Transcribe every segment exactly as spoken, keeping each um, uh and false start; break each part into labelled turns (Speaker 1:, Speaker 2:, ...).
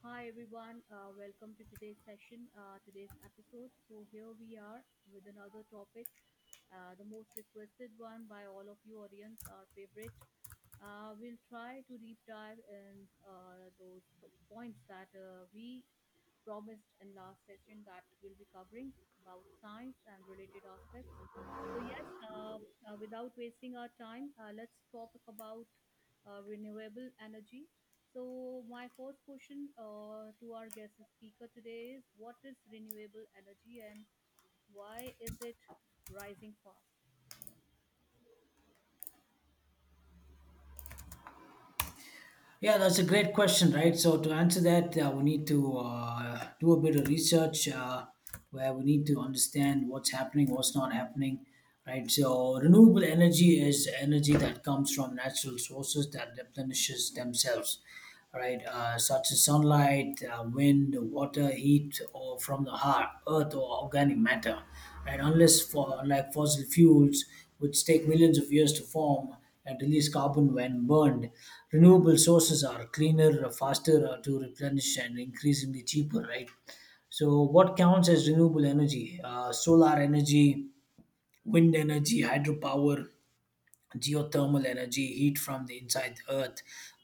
Speaker 1: Hi everyone, uh, welcome to today's session, uh, today's episode. So here we are with another topic, uh, the most requested one by all of you audience, our favorite. Uh, we'll try to deep dive in uh, those t- points that uh, we promised in last session that we'll be covering about science and related aspects. So yes, uh, uh, without wasting our time, uh, let's talk about uh, renewable energy. So my first question uh, to our guest speaker today is, what is renewable energy and why is it rising fast?
Speaker 2: Yeah, that's a great question, right? So to answer that, uh, we need to uh, do a bit of research uh, where we need to understand what's happening, what's not happening, right? So renewable energy is energy that comes from natural sources that replenishes themselves. Right, uh, such as sunlight, uh, wind, water, heat, or from the heart, earth, or organic matter. Right, unless for unlike fossil fuels, which take millions of years to form and release carbon when burned, renewable sources are cleaner, faster uh, to replenish, and increasingly cheaper. Right. So, what counts as renewable energy? Uh, solar energy, wind energy, hydropower, geothermal energy, heat from the inside the earth,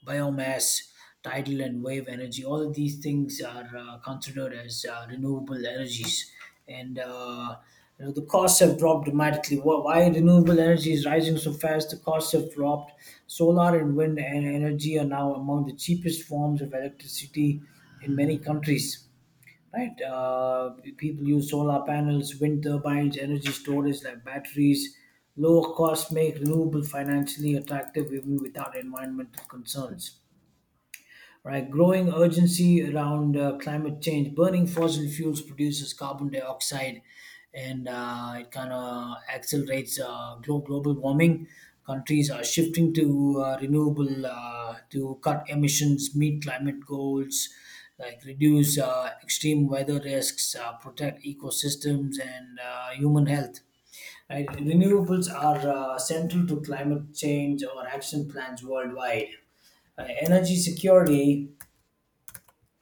Speaker 2: biomass, tidal and wave energy. All of these things are uh, considered as uh, renewable energies, and uh, you know, the costs have dropped dramatically. Wh- Why renewable energy is rising so fast? The costs have dropped. Solar and wind and energy are now among the cheapest forms of electricity in many countries, right? Uh, people use solar panels, wind turbines, energy storage like batteries. Lower costs make renewable financially attractive even without environmental concerns, right? Growing urgency around uh, climate change. Burning fossil fuels produces carbon dioxide, and uh, it kind of accelerates uh, glo- global warming. Countries are shifting to uh, renewable uh, to cut emissions, meet climate goals, like reduce uh, extreme weather risks, uh, protect ecosystems, and uh, human health. Right? Renewables are uh, central to climate change or action plans worldwide. Uh, energy security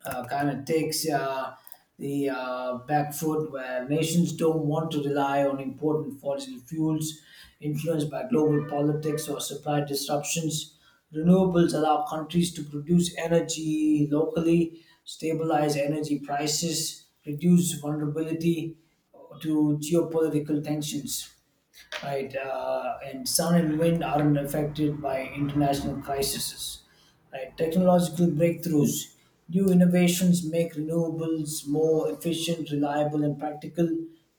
Speaker 2: uh, kind of takes uh, the uh, back foot where nations don't want to rely on important fossil fuels influenced by global politics or supply disruptions. Renewables allow countries to produce energy locally, stabilize energy prices, reduce vulnerability to geopolitical tensions, right? Uh, and sun and wind aren't affected by international crises, right? Technological breakthroughs, new innovations make renewables more efficient, reliable, and practical.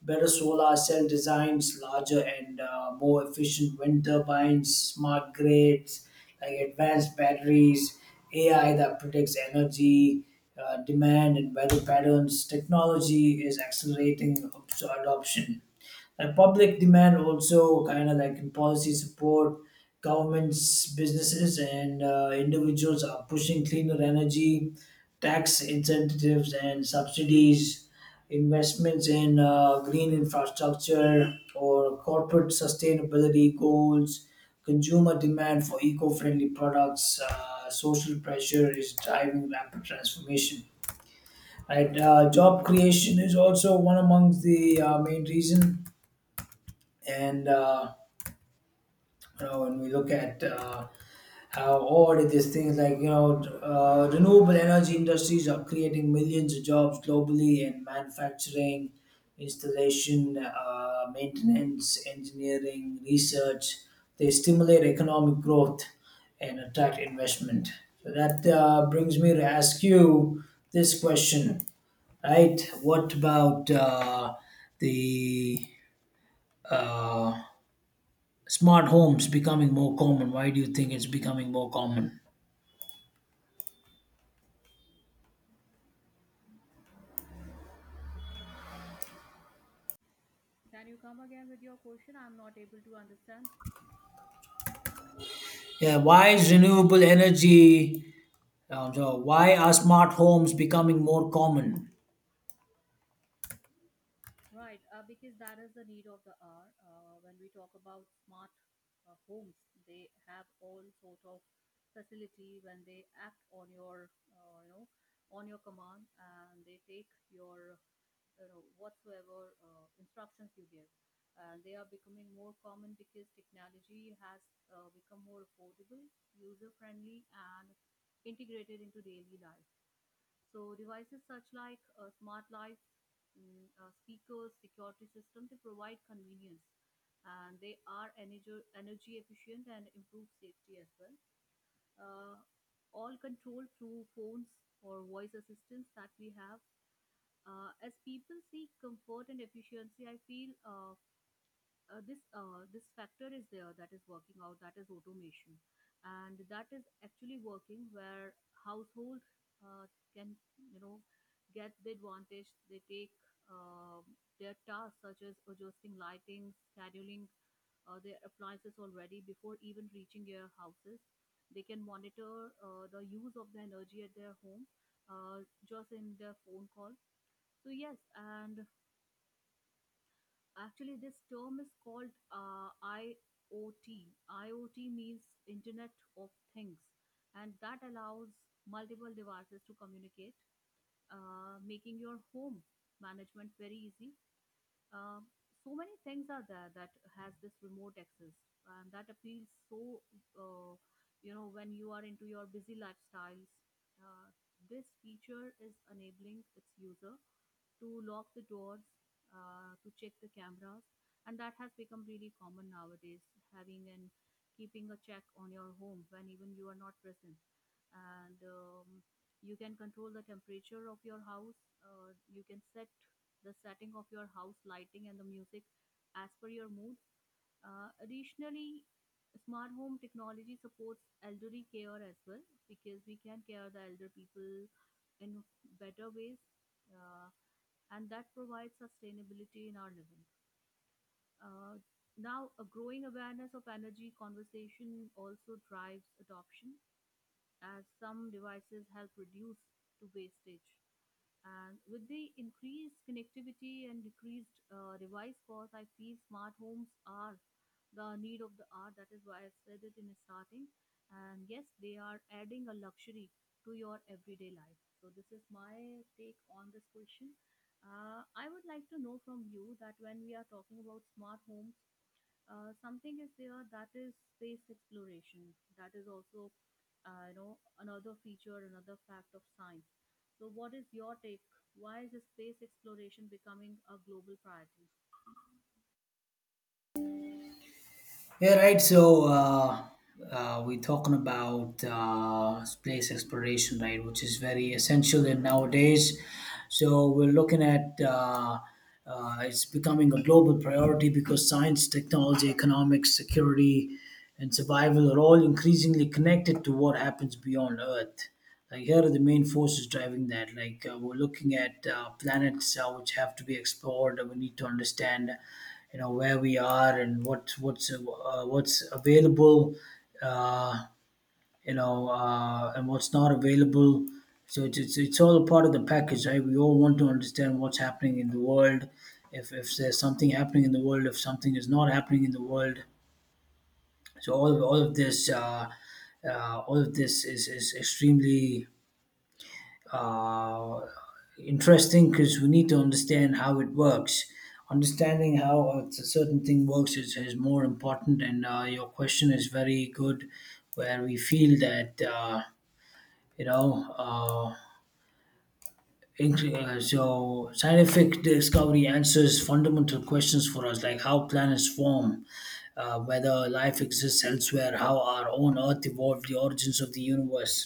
Speaker 2: Better solar cell designs, larger and uh, more efficient wind turbines, smart grids, like advanced batteries, A I that predicts energy. Uh, demand and weather patterns, technology is accelerating adoption, like public demand, also kind of like in policy support, governments, businesses, and uh, individuals are pushing cleaner energy, tax incentives and subsidies, investments in uh, green infrastructure or corporate sustainability goals, consumer demand for eco-friendly products. Uh, social pressure is driving rapid transformation. Right, uh, job creation is also one amongst the uh, main reason, and uh, you know when we look at uh, how all of these things, like you know uh, renewable energy industries are creating millions of jobs globally in manufacturing, installation, uh, maintenance, engineering, research. They stimulate economic growth and attract investment. So that uh, brings me to ask you this question, right? What about uh, the uh, smart homes becoming more common? Why do you think it's becoming more common?
Speaker 1: Can you come again with your question? I'm not able to understand.
Speaker 2: Yeah, why is renewable energy? Um, so why are smart homes becoming more common?
Speaker 1: Right, uh, because that is the need of the hour. Uh, when we talk about smart uh, homes, they have all sort of facility when they act on your, uh, you know, on your command, and they take your, you know, whatsoever uh, instructions you give. And they are becoming more common because technology has uh, become more affordable, user friendly, and integrated into daily life. So devices such like uh, smart lights, mm, uh, speakers, security system, they provide convenience and they are energy, energy efficient and improve safety as well. Uh, all controlled through phones or voice assistants that we have. Uh, as people seek comfort and efficiency, I feel uh, uh, this uh, this factor is there that is working out, that is automation, and that is actually working where household uh, can, you know, get the advantage. They take uh, their tasks such as adjusting lighting, scheduling uh, their appliances already before even reaching their houses. They can monitor uh, the use of the energy at their home uh, just in their phone call. So yes, and actually, this term is called uh, IoT. IoT means Internet of Things, and that allows multiple devices to communicate, uh, making your home management very easy. Uh, so many things are there that has this remote access, and that appeals so, uh, you know, when you are into your busy lifestyles. Uh, this feature is enabling its user to lock the doors, uh, to check the cameras, and that has become really common nowadays. Having and keeping a check on your home when even you are not present, and um, you can control the temperature of your house. Uh, you can set the setting of your house lighting and the music as per your mood. Uh, additionally, smart home technology supports elderly care as well, because we can care the elder people in better ways. Uh, and that provides sustainability in our living. Uh, now, a growing awareness of energy conservation also drives adoption, as some devices help reduce to wastage. And with the increased connectivity and decreased uh, device cost, I feel smart homes are the need of the hour. That is why I said it in the starting. And yes, they are adding a luxury to your everyday life. So this is my take on this question. Uh, I would like to know from you that when we are talking about smart home, uh, something is there, that is space exploration. That is also, uh, you know, another feature, another fact of science. So, what is your take? Why is space exploration becoming a global priority?
Speaker 2: Yeah, right. So uh, uh, we're talking about uh, space exploration, right, which is very essential in nowadays. So we're looking at uh, uh, it's becoming a global priority because science, technology, economics, security, and survival are all increasingly connected to what happens beyond Earth. Like here are the main forces driving that. Like uh, we're looking at uh, planets uh, which have to be explored. We need to understand, you know, where we are and what what's uh, what's available, uh, you know, uh, and what's not available. So it's, it's it's all part of the package, right? We all want to understand what's happening in the world. If if there's something happening in the world, if something is not happening in the world, so all of, all of this, uh, uh, all of this is is extremely uh, interesting because we need to understand how it works. Understanding how a c- certain thing works is, is more important, and uh, your question is very good, where we feel that uh, you know. Uh, Int- uh, so scientific discovery answers fundamental questions for us, like how planets form, uh, whether life exists elsewhere, how our own earth evolved, the origins of the universe.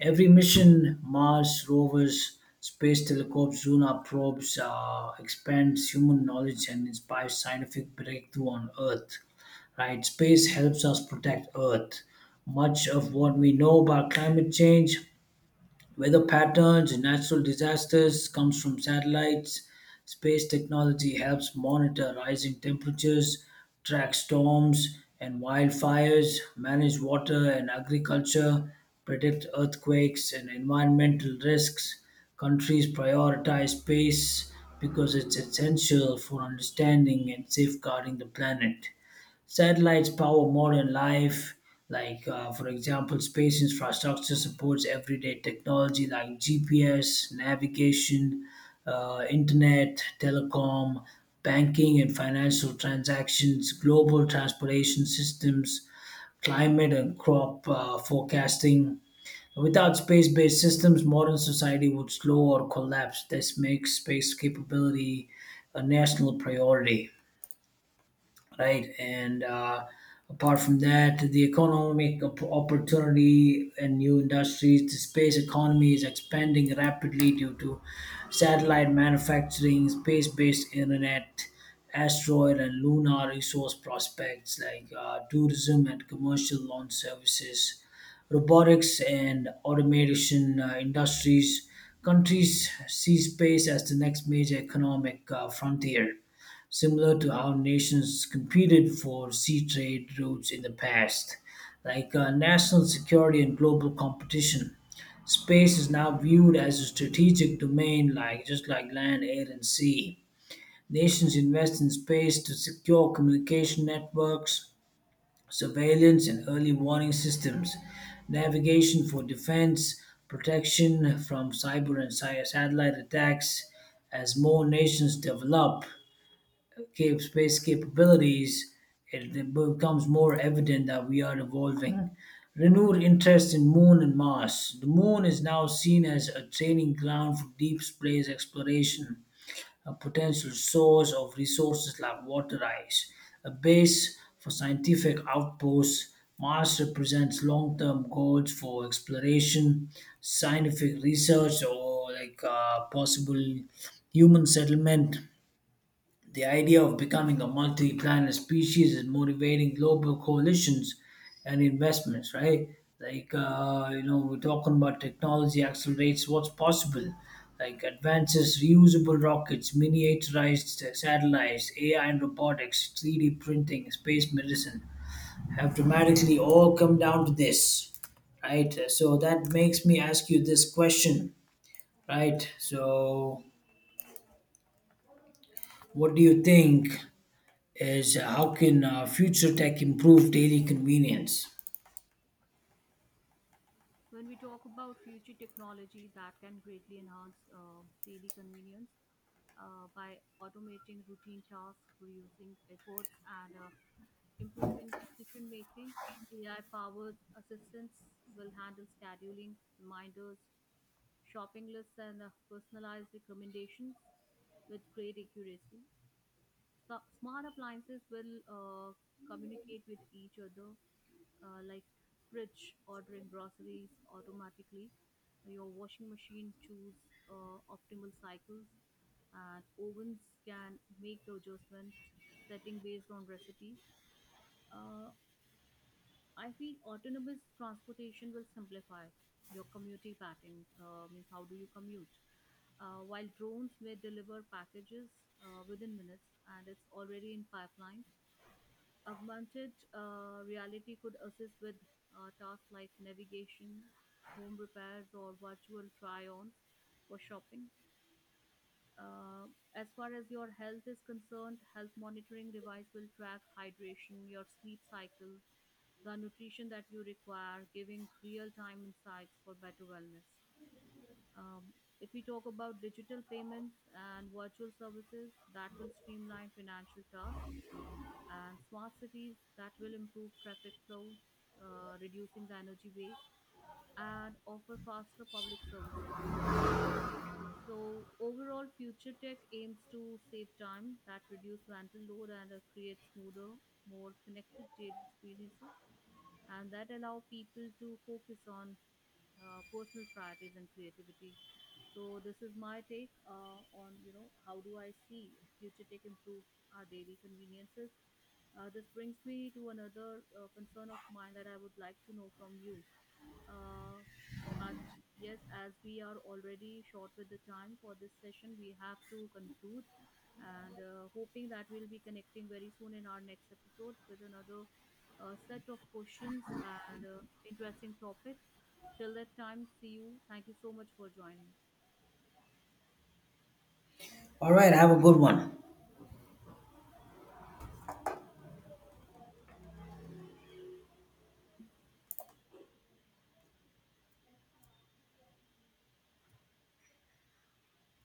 Speaker 2: Every mission, mars rovers, space telescopes, lunar probes uh, expands human knowledge and inspires scientific breakthrough on earth, right? Space helps us protect earth. Much of what we know about climate change, weather patterns, natural disasters comes from satellites. Space technology helps monitor rising temperatures, track storms and wildfires, manage water and agriculture, predict earthquakes and environmental risks. Countries prioritize space because it's essential for understanding and safeguarding the planet. Satellites power modern life. Like, uh, for example, space infrastructure supports everyday technology like G P S, navigation, uh, internet, telecom, banking, and financial transactions, global transportation systems, climate and crop uh, forecasting. Without space based systems, modern society would slow or collapse. This makes space capability a national priority, right? And uh, apart from that, the economic op- opportunity and new industries, the space economy is expanding rapidly due to satellite manufacturing, space based internet, asteroid and lunar resource prospects, like uh, tourism and commercial launch services, robotics and automation uh, industries. Countries see space as the next major economic uh, frontier, similar to how nations competed for sea trade routes in the past, like uh, national security and global competition. Space is now viewed as a strategic domain, like just like land, air, and sea. Nations invest in space to secure communication networks, surveillance and early warning systems, navigation for defense, protection from cyber and sci- satellite attacks. As more nations develop, cap- space capabilities, it becomes more evident that we are evolving. Renewed interest in Moon and Mars. The Moon is now seen as a training ground for deep space exploration, a potential source of resources like water ice, a base for scientific outposts. Mars represents long term goals for exploration, scientific research, or like uh, possible human settlement. The idea of becoming a multi planet species is motivating global coalitions and investments, right? Like, uh, you know, we're talking about technology accelerates what's possible, like advances, reusable rockets, miniaturized uh, satellites, A I and robotics, three D printing, space medicine have dramatically all come down to this, right? So that makes me ask you this question, right? So, what do you think? Is how can uh, future tech improve daily convenience?
Speaker 1: When we talk about future technology that can greatly enhance uh, daily convenience uh, by automating routine tasks, reducing efforts, and uh, improving decision making, A I powered assistants will handle scheduling, reminders, shopping lists, and uh, personalized recommendations with great accuracy. So smart appliances will uh, communicate with each other, uh, like fridge ordering groceries automatically, your washing machine choose uh, optimal cycles, and ovens can make adjustments setting based on recipes. Uh, I feel autonomous transportation will simplify your commuting pattern. Uh, means, how do you commute? Uh, while drones may deliver packages uh, within minutes, and it's already in pipeline. Augmented uh, reality could assist with uh, tasks like navigation, home repairs, or virtual try-ons for shopping. Uh, as far as your health is concerned, health monitoring device will track hydration, your sleep cycle, the nutrition that you require, giving real time insights for better wellness. Um, if we talk about digital payments and virtual services, that will streamline financial tasks, and smart cities that will improve traffic flow, uh, reducing the energy waste, and offer faster public services. So, overall, future tech aims to save time, that reduce mental load, and uh, create smoother, more connected daily experiences and that allow people to focus on uh, personal priorities and creativity. So this is my take uh, on, you know, how do I see future tech improve our daily conveniences. Uh, this brings me to another uh, concern of mine that I would like to know from you. Uh, but yes, as we are already short with the time for this session, we have to conclude and uh, hoping that we'll be connecting very soon in our next episode with another uh, set of questions and uh, interesting topic. Till that time, see you. Thank you so much for joining.
Speaker 2: All right, have a good one.